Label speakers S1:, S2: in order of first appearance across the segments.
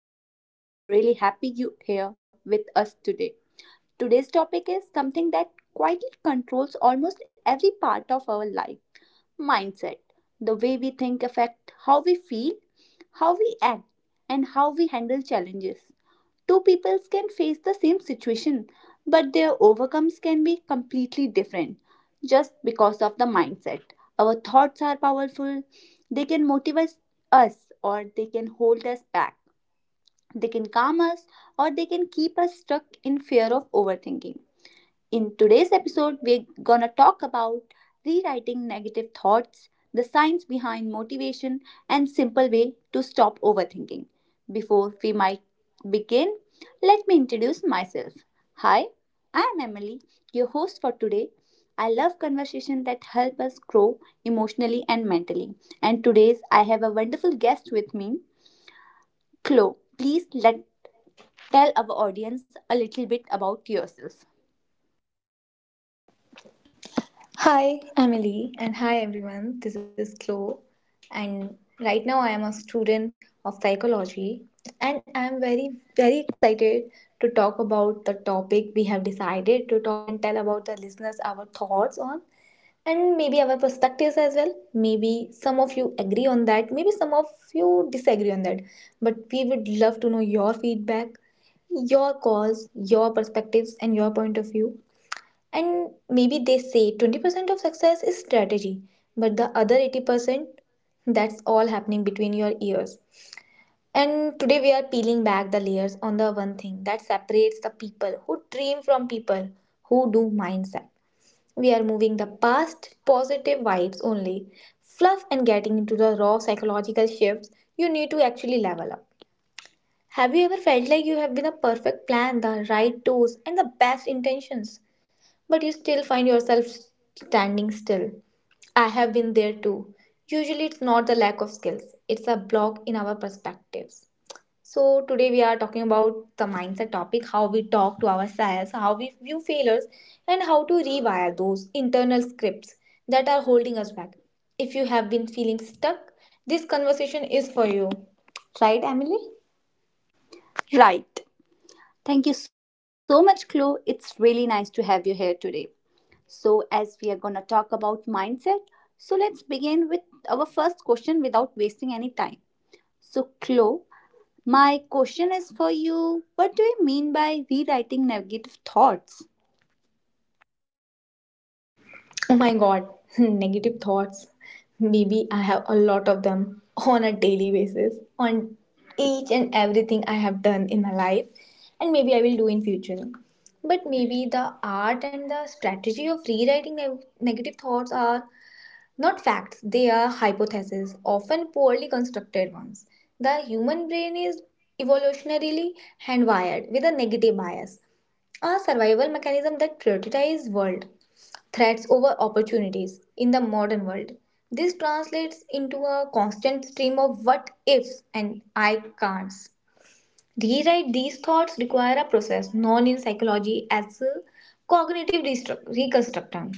S1: our podcast. I'm really happy you're here with us today. Today's topic is something that quietly controls almost every part of our life mindset. The way we think affects how we feel, how we act, and how we handle challenges. Two peoples can face the same situation, but their overcomes can be completely different just because of the mindset. Our thoughts are powerful. They can motivate us or they can hold us back. They can calm us or they can keep us stuck in fear of overthinking. In today's episode, we're gonna talk about rewriting negative thoughts, the science behind motivation, and simple way to stop overthinking. Before we might begin, let me introduce myself. Hi, I'm Emily, your host for today. I love conversations that help us grow emotionally and mentally. And today's I have a wonderful guest with me, Chloe. Please let tell our audience a little bit about yourself.
S2: Hi, Emily, and hi everyone. This is Chloe, and right now I am a student of psychology, and I am very, very excited to talk about the topic we have decided to talk and tell about the listeners our thoughts on, and maybe our perspectives as well. Maybe some of you agree on that, maybe some of you disagree on that, but we would love to know your feedback, your calls, your perspectives, and your point of view. And maybe they say 20% of success is strategy, but the other 80% that's all happening between your ears. And today we are peeling back the layers on the one thing that separates the people who dream from people who do mindset. We are moving the past positive vibes only, fluff, and getting into the raw psychological shifts you need to actually level up. Have you ever felt like you have been a perfect plan, the right tools, and the best intentions, but you still find yourself standing still? I have been there too. Usually, it's not the lack of skills, it's a block in our perspectives. So, today we are talking about the mindset topic, how we talk to ourselves, how we view failures, and how to rewire those internal scripts that are holding us back. If you have been feeling stuck, this conversation is for you. Right, Emily?
S1: Right. Thank you so much, Chloe. It's really nice to have you here today. So, as we are going to talk about mindset, so let's begin with our first question without wasting any time. So, Chloe, my question is for you. What do you mean by rewriting negative thoughts?
S2: Oh my god, negative thoughts. Maybe I have a lot of them on a daily basis on each and everything I have done in my life and maybe I will do in future. But maybe the art and the strategy of rewriting negative thoughts are not facts, they are hypotheses, often poorly constructed ones. The human brain is evolutionarily hardwired with a negative bias, a survival mechanism that prioritizes world threats over opportunities in the modern world. This translates into a constant stream of what ifs and I can'ts. Rewrite these thoughts require a process known in psychology as a cognitive reconstruction.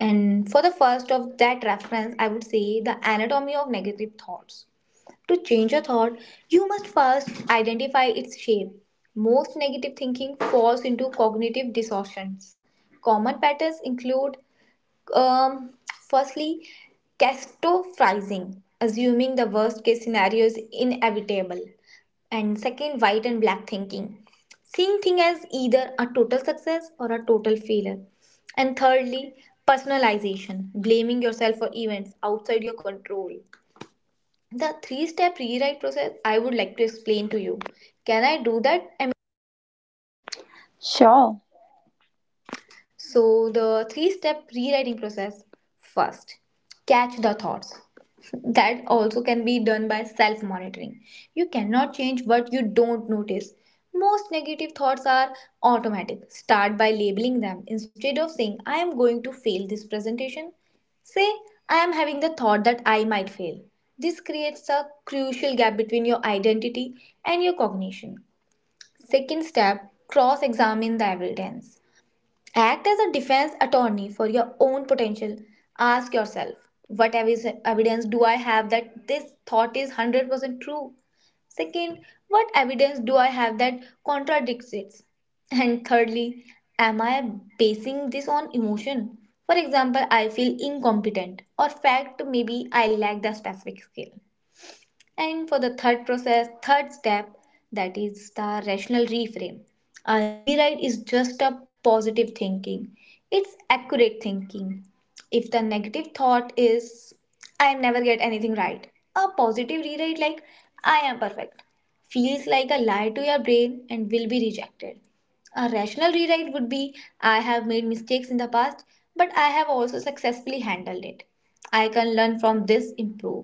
S2: And for the first of that reference, I would say the anatomy of negative thoughts. To change a thought, you must first identify its shape. Most negative thinking falls into cognitive distortions. Common patterns include um, firstly, catastrophizing, assuming the worst case scenario is inevitable. And second, white and black thinking, seeing things as either a total success or a total failure. And thirdly, personalization, blaming yourself for events outside your control. The three step rewrite process I would like to explain to you. Can I do that?
S1: Sure.
S2: So, the three step rewriting process, first, catch the thoughts. That also can be done by self monitoring. You cannot change what you don't notice. Most negative thoughts are automatic. Start by labeling them. Instead of saying, I am going to fail this presentation, say, I am having the thought that I might fail. This creates a crucial gap between your identity and your cognition. Second step, cross examine the evidence. Act as a defense attorney for your own potential. Ask yourself, what evidence do I have that this thought is 100% true? Second, what evidence do I have that contradicts it? And thirdly, am I basing this on emotion? For example, I feel incompetent, or fact, maybe I lack the specific skill. And for the third process, third step, that is the rational reframe. A rewrite is just a positive thinking, it's accurate thinking. If the negative thought is, I never get anything right, a positive rewrite like, I am perfect, feels like a lie to your brain and will be rejected. A rational rewrite would be, I have made mistakes in the past, but I have also successfully handled it. I can learn from this, improve.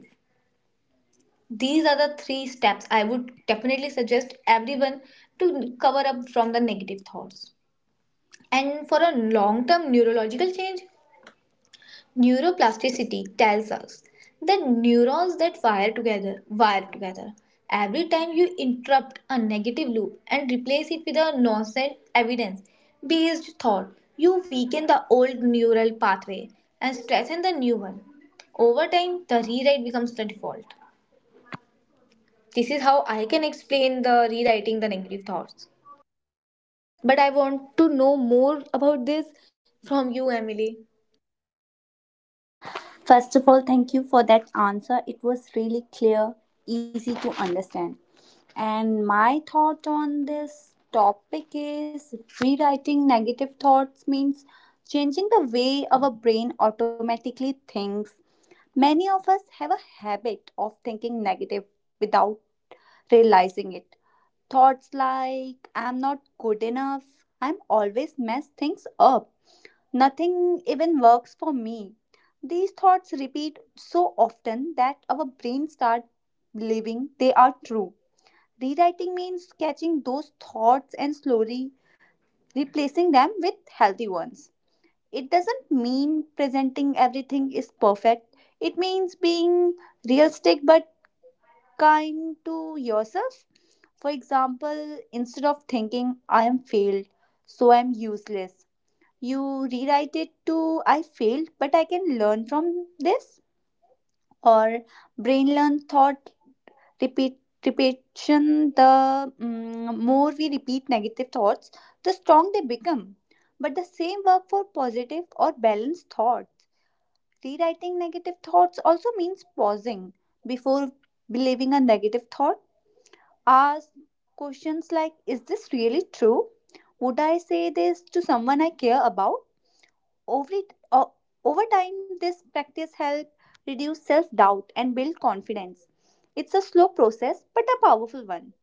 S2: These are the three steps I would definitely suggest everyone to cover up from the negative thoughts. And for a long term neurological change, neuroplasticity tells us that neurons that wire together wire together. Every time you interrupt a negative loop and replace it with a nonsense evidence based thought, you weaken the old neural pathway and strengthen the new one. Over time, the rewrite becomes the default. This is how I can explain the rewriting the negative thoughts. But I want to know more about this from you, Emily.
S1: First of all, thank you for that answer. It was really clear, easy to understand. And my thought on this topic is rewriting negative thoughts means changing the way our brain automatically thinks. Many of us have a habit of thinking negative without realizing it. Thoughts like, I'm not good enough, I'm always mess things up, nothing even works for me. These thoughts repeat so often that our brains start believing they are true. Rewriting means catching those thoughts and slowly replacing them with healthy ones. It doesn't mean presenting everything is perfect, it means being realistic but kind to yourself. For example, instead of thinking, I am failed, so I am useless, you rewrite it to I failed, but I can learn from this. Or brain learn thought repeat repetition. The more we repeat negative thoughts, the strong they become. But the same work for positive or balanced thoughts. Rewriting negative thoughts also means pausing before believing a negative thought. Ask questions like, is this really true? Would I say this to someone I care about? Over, it, o- Over time, this practice helps reduce self doubt and build confidence. It's a slow process but a powerful one.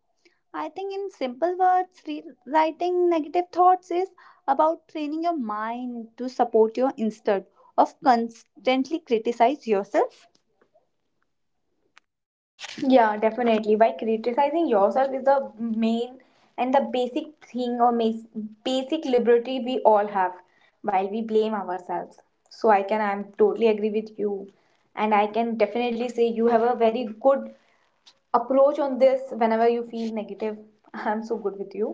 S1: I think, in simple words, rewriting negative thoughts is about training your mind to support your instead of constantly criticize yourself.
S2: Yeah, definitely. By criticizing yourself is the main and the basic thing or basic liberty we all have while we blame ourselves. So I'm totally agree with you. And I can definitely say you have a very good approach on this whenever you feel negative. I'm so good with you,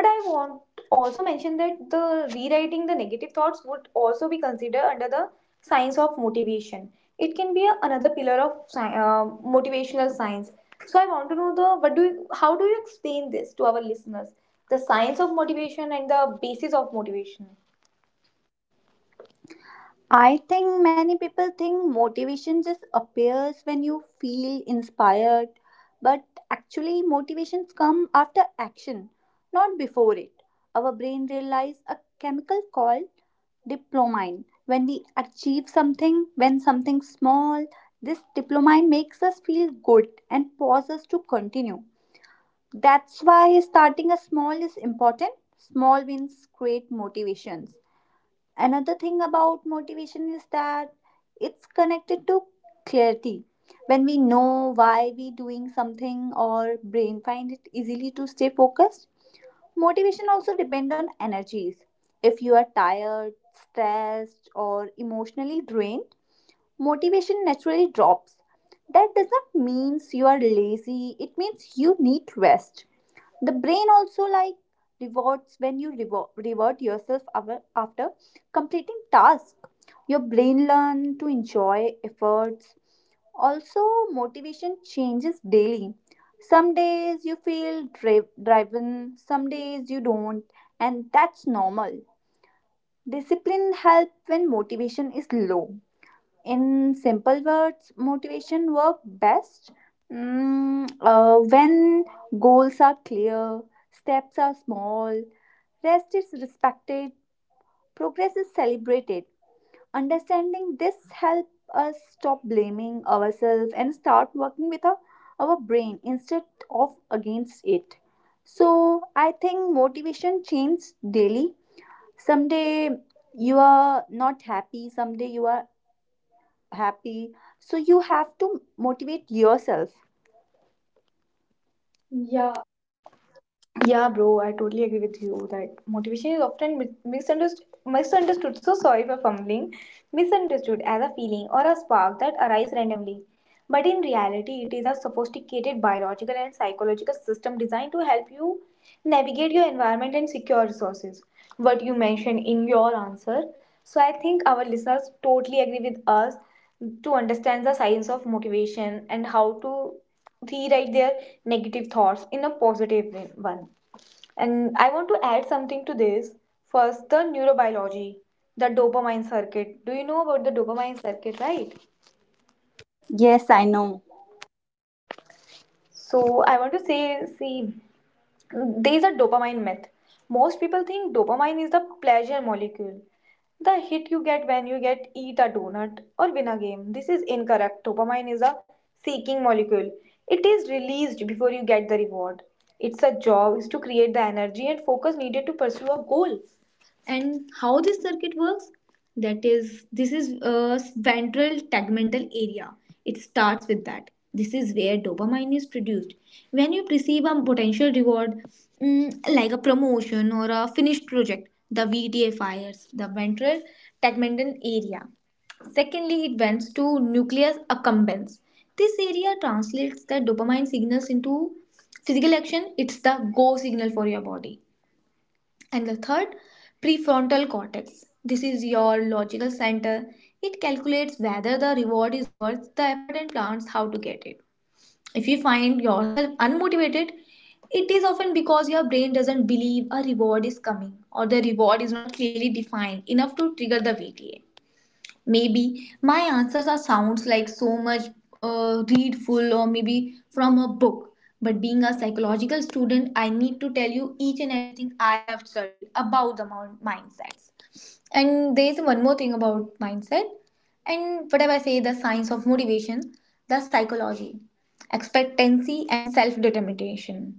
S2: but I want also mention that the rewriting the negative thoughts would also be considered under the science of motivation. It can be another pillar of motivational science. So I want to know the what do you, how do you explain this to our listeners, the science of motivation and the basis of motivation.
S1: I think many people think motivation just appears when you feel inspired, but actually, motivations come after action, not before it. Our brain realizes a chemical called dopamine. When we achieve something, when something small, this dopamine makes us feel good and pauses us to continue. That's why starting a small is important. Small wins create motivations. Another thing about motivation is that it's connected to clarity. When we know why we doing something, our brain find it easily to stay focused. Motivation also depend on energies. If you are tired, stressed, or emotionally drained, motivation naturally drops. That does not mean you are lazy, it means you need rest. The brain also like rewards. When you reward yourself after completing task, your brain learn to enjoy efforts. Also, motivation changes daily. Some days you feel driven, some days you don't, and that's normal. Discipline help when motivation is low. In simple words, motivation work best when goals are clear, steps are small, rest is respected, progress is celebrated. Understanding this help us stop blaming ourselves and start working with our brain instead of against it. So I think motivation changes daily. Someday you are not happy, someday you are happy. So you have to motivate yourself.
S2: Yeah, bro, I totally agree with you that motivation is often misunderstood. So sorry for fumbling. Misunderstood as a feeling or a spark that arises randomly, but in reality, it is a sophisticated biological and psychological system designed to help you navigate your environment and secure resources. What you mentioned in your answer. So I think our listeners totally agree with us to understand the science of motivation and how to rewrite their negative thoughts in a positive one. And I want to add something to this. First, the neurobiology, the dopamine circuit. Do you know about the dopamine circuit, right?
S1: Yes, I know.
S2: So I want to say, see, there is a dopamine myth. Most people think dopamine is the pleasure molecule, the hit you get when you get eat a donut or win a game. This is incorrect. Dopamine is a seeking molecule. It is released before you get the reward. Its a job is to create the energy and focus needed to pursue a goal. And how this circuit works, that is, this is ventral tegmental area. It starts with that, this is where dopamine is produced when you perceive a potential reward, like a promotion or a finished project. The VTA fires, the ventral tegmental area. Secondly, it bends to nucleus accumbens. This area translates the dopamine signals into physical action, it's the go signal for your body. And the third, prefrontal cortex. This is your logical center. It calculates whether the reward is worth the effort and plans how to get it. If you find yourself unmotivated, it is often because your brain doesn't believe a reward is coming or the reward is not clearly defined enough to trigger the VTA. Maybe my answers are sounds like so much read full or maybe from a book. But being a psychological student, I need to tell you each and everything I have studied about the mindsets. And there is one more thing about mindset. And whatever I say, the science of motivation, the psychology, expectancy, and self determination.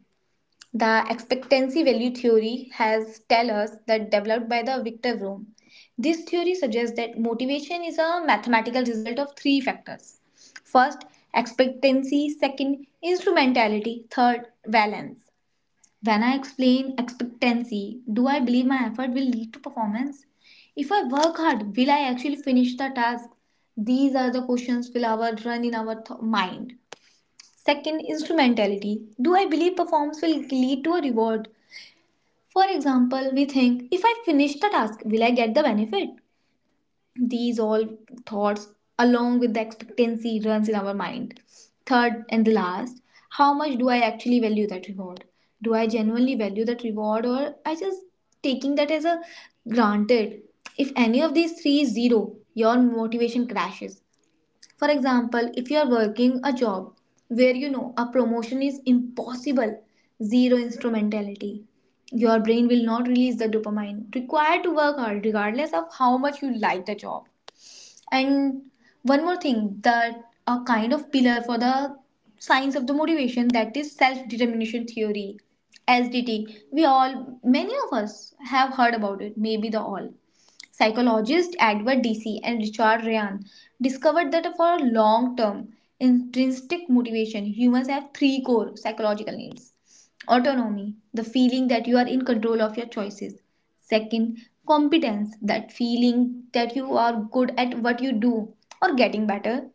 S2: The expectancy value theory has tell us that developed by the Victor Vroom. This theory suggests that motivation is a mathematical result of three factors. First, expectancy, second, instrumentality, third, valence. When I explain expectancy, do I believe my effort will lead to performance? If I work hard, will I actually finish the task? These are the questions will our run in our mind. Second, instrumentality. Do I believe performance will lead to a reward? For example, we think, if I finish the task, will I get the benefit? These all thoughts, along with the expectancy, runs in our mind. Third and the last, how much do I actually value that reward? Do I genuinely value that reward or I just taking that as a granted? If any of these three is zero, your motivation crashes. For example, if you are working a job where you know a promotion is impossible, zero instrumentality. Your brain will not release the dopamine required to work hard, regardless of how much you like the job. And one more thing that a kind of pillar for the science of the motivation, that is self determination theory, SDT. We all, many of us have heard about it, maybe the all. Psychologist Edward DC and Richard Ryan discovered that for long term intrinsic motivation, humans have three core psychological needs. Autonomy, the feeling that you are in control of your choices. Second, competence, that feeling that you are good at what you do or getting better.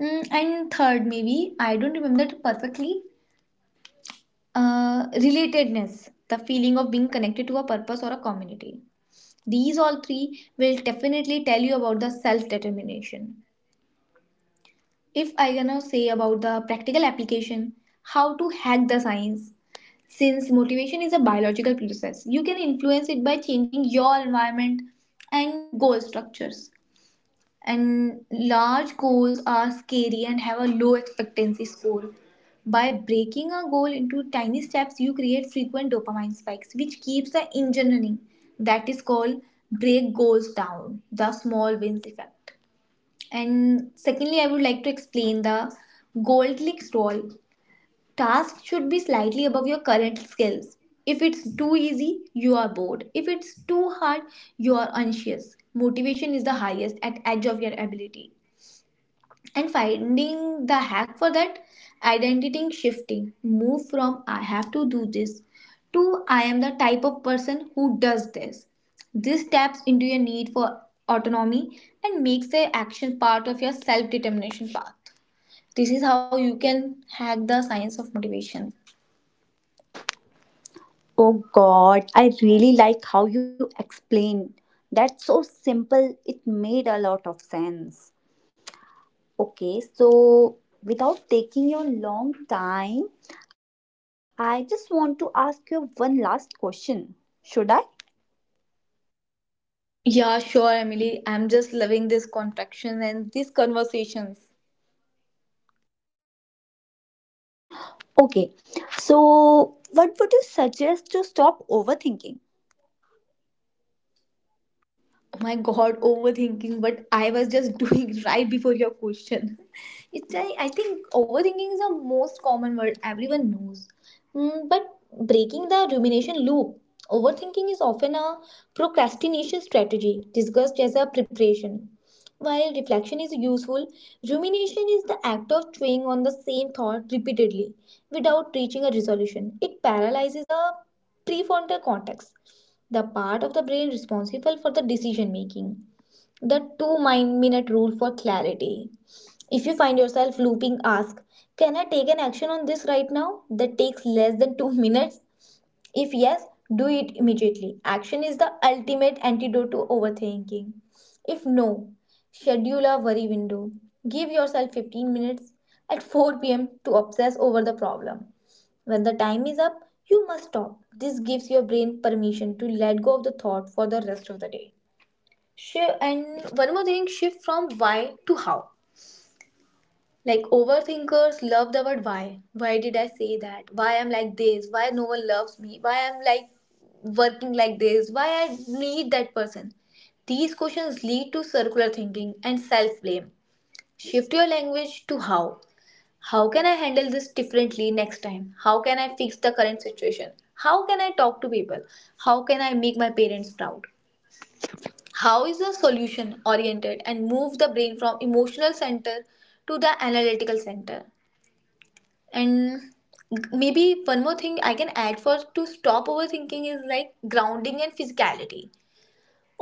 S2: And third, maybe I don't remember it perfectly, relatedness, the feeling of being connected to a purpose or a community. These all three will definitely tell you about the self determination. If I gonna say about the practical application, how to hack the science. Since motivation is a biological process, you can influence it by changing your environment and goal structures. And large goals are scary and have a low expectancy score. By breaking a goal into tiny steps, you create frequent dopamine spikes, which keeps the engine running. That is called break goals down, the small wins effect. And secondly, I would like to explain the gold clicks role. Tasks should be slightly above your current skills. If it's too easy, you are bored. If it's too hard, you are anxious. Motivation is the highest at edge of your ability. And finding the hack for that, identity shifting. Move from I have to do this to I am the type of person who does this. This taps into your need for autonomy and makes the action part of your self determination path. This is how you can hack the science of motivation.
S1: Oh God, I really like how you explained. That's so simple. It made a lot of sense. Okay, so without taking your long time, I just want to ask you one last question. Should I?
S2: Yeah, sure, Emily. I'm just loving this contraction and these conversations.
S1: Okay, so what would you suggest to stop overthinking?
S2: Oh my god, overthinking. But I was just doing right before your question. It's I think overthinking is a most common word everyone knows. Mm, but breaking the rumination loop, overthinking is often a procrastination strategy discussed as a preparation. While reflection is useful, rumination is the act of chewing on the same thought repeatedly without reaching a resolution. It paralyzes the prefrontal cortex, the part of the brain responsible for the decision making. The 2-minute rule for clarity. If you find yourself looping, ask, can I take an action on this right now that takes less than two minutes? If yes, do it immediately. Action is the ultimate antidote to overthinking. If no, schedule a worry window. Give yourself 15 minutes at 4 p.m. to obsess over the problem. When the time is up, you must stop. This gives your brain permission to let go of the thought for the rest of the day. Shift, and one more thing, shift from why to how. Like overthinkers love the word why. Why did I say that? Why I'm like this? Why no one loves me? Why I'm like working like this? Why I need that person? These questions lead to circular thinking and self blame. Shift your language to how. How can I handle this differently next time? How can I fix the current situation? How can I talk to people? How can I make my parents proud? How is the solution oriented and move the brain from emotional center to the analytical center. And maybe one more thing I can add for to stop overthinking is like grounding and physicality.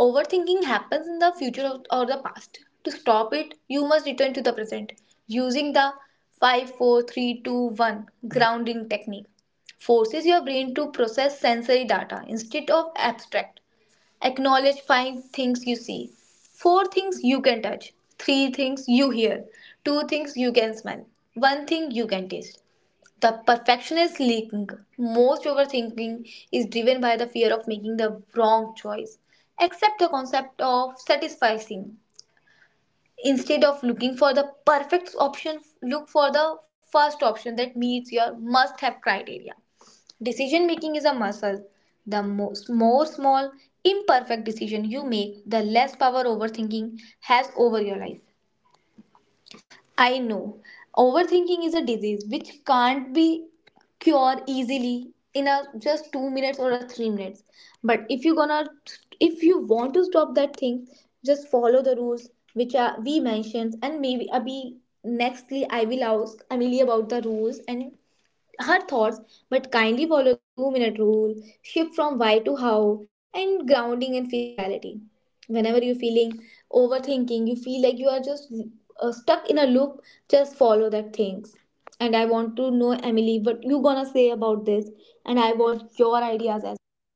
S2: Overthinking happens in the or the past. To stop it you must return to the present using the five, four, three, two, one grounding technique. Forces your brain to process sensory data instead of abstract. Acknowledge five things you see, four things you can touch, three things you hear, two things you can smell, one thing you can taste. The perfectionist leaking. Most overthinking is driven by the fear of making the wrong choice. Accept the concept of satisficing. Instead of looking for the perfect option, look for the first option that meets your must have criteria. Decision making is a muscle. The more small, imperfect decision you make, the less power overthinking has over your life. I know. Overthinking is a disease which can't be cured easily in a just 2 minutes or a 3 minutes. But if you want to stop that thing, just follow the rules which are we mentioned. And maybe Abhi, nextly I will ask Amelie about the rules and her thoughts, but kindly follow the 2-minute rule, shift from why to how, and grounding and physicality. Whenever you're feeling overthinking, you feel like you are just stuck in a loop, just follow that things. And I want to know, Emily, what you gonna say about this, and I want your ideas as well.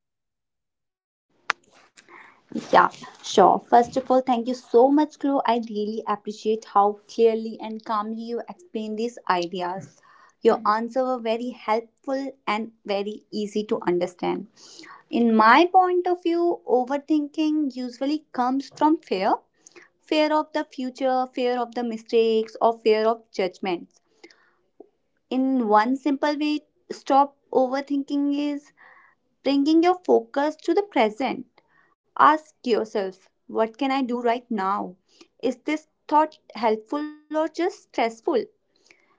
S1: Yeah, sure. First of all, thank you so much, Chloe. I really appreciate how clearly and calmly you explain these ideas. Your answers were very helpful and very easy to understand. In my point of view, overthinking usually comes from fear, fear of the future, fear of the mistakes, or fear of judgments. In one simple way, stop overthinking is bringing your focus to the present. Ask yourself, what can I do right now? Is this thought helpful or just stressful?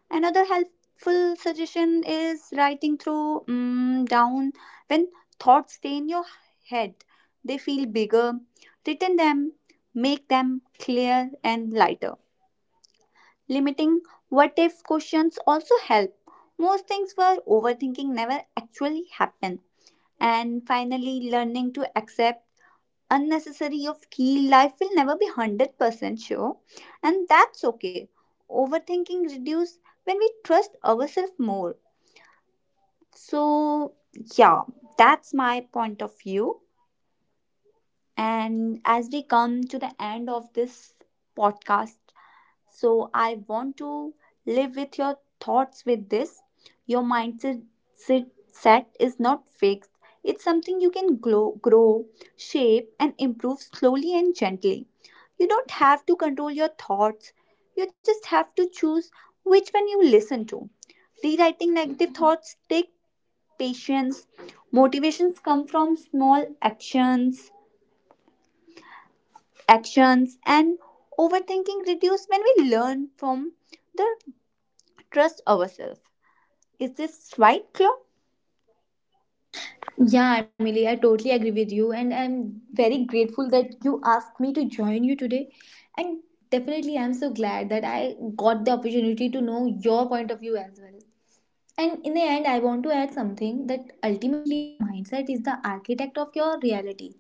S1: Another helpful suggestion is writing down when thoughts stay in your head. They feel bigger. Written them, make them clear and lighter. Limiting what if questions also help. Most things were overthinking never actually happen, and finally learning to accept unnecessary of key life will never be 100% sure, and that's okay. Overthinking reduce when we trust ourselves more. So yeah, that's my point of view. And as we come to the end of this podcast, so I want to live with your thoughts with this. Your mindset sit- set is not fixed. It's something you can grow, shape, and improve slowly and gently. You don't have to control your thoughts. You just have to choose which one you listen to. Rewriting negative thoughts take patience. Motivations come from small actions, and overthinking reduce when we learn from the trust ourselves. Is this right, Claude?
S2: Yeah, Emily, I totally agree with you, and I'm very grateful that you asked me to join you today. And definitely, I'm so glad that I got the opportunity to know your point of view as well. And in the end, I want to add something that ultimately your mindset is the architect of your reality.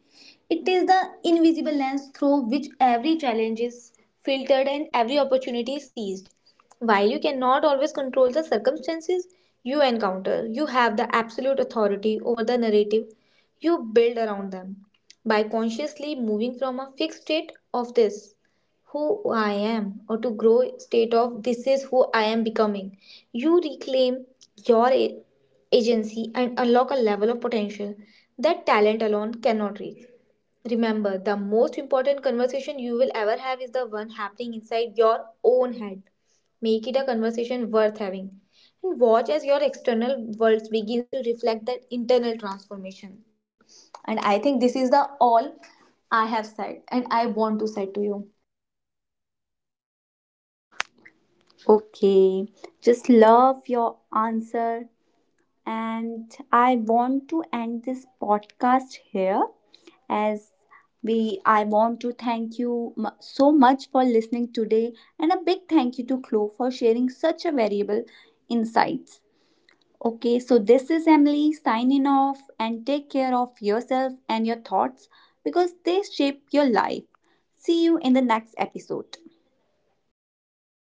S2: It is the invisible lens through which every challenge is filtered and every opportunity is seized. While you cannot always control the circumstances you encounter, you have the absolute authority over the narrative you build around them. By consciously moving from a fixed state of this who I am or to grow state of this is who I am becoming. You reclaim your agency and unlock a level of potential that talent alone cannot reach. Remember, the most important conversation you will ever have is the one happening inside your own head. Make it a conversation worth having and watch as your external world begins to reflect that internal transformation. And I think this is the all I have said and I want to say to you.
S1: Okay, just love your answer. And I want to end this podcast here as we I want to thank you so much for listening today, and a big thank you to Chloe for sharing such a valuable insights. Okay, so this is Emily signing off and take care of yourself and your thoughts because they shape your life. See you in the next episode.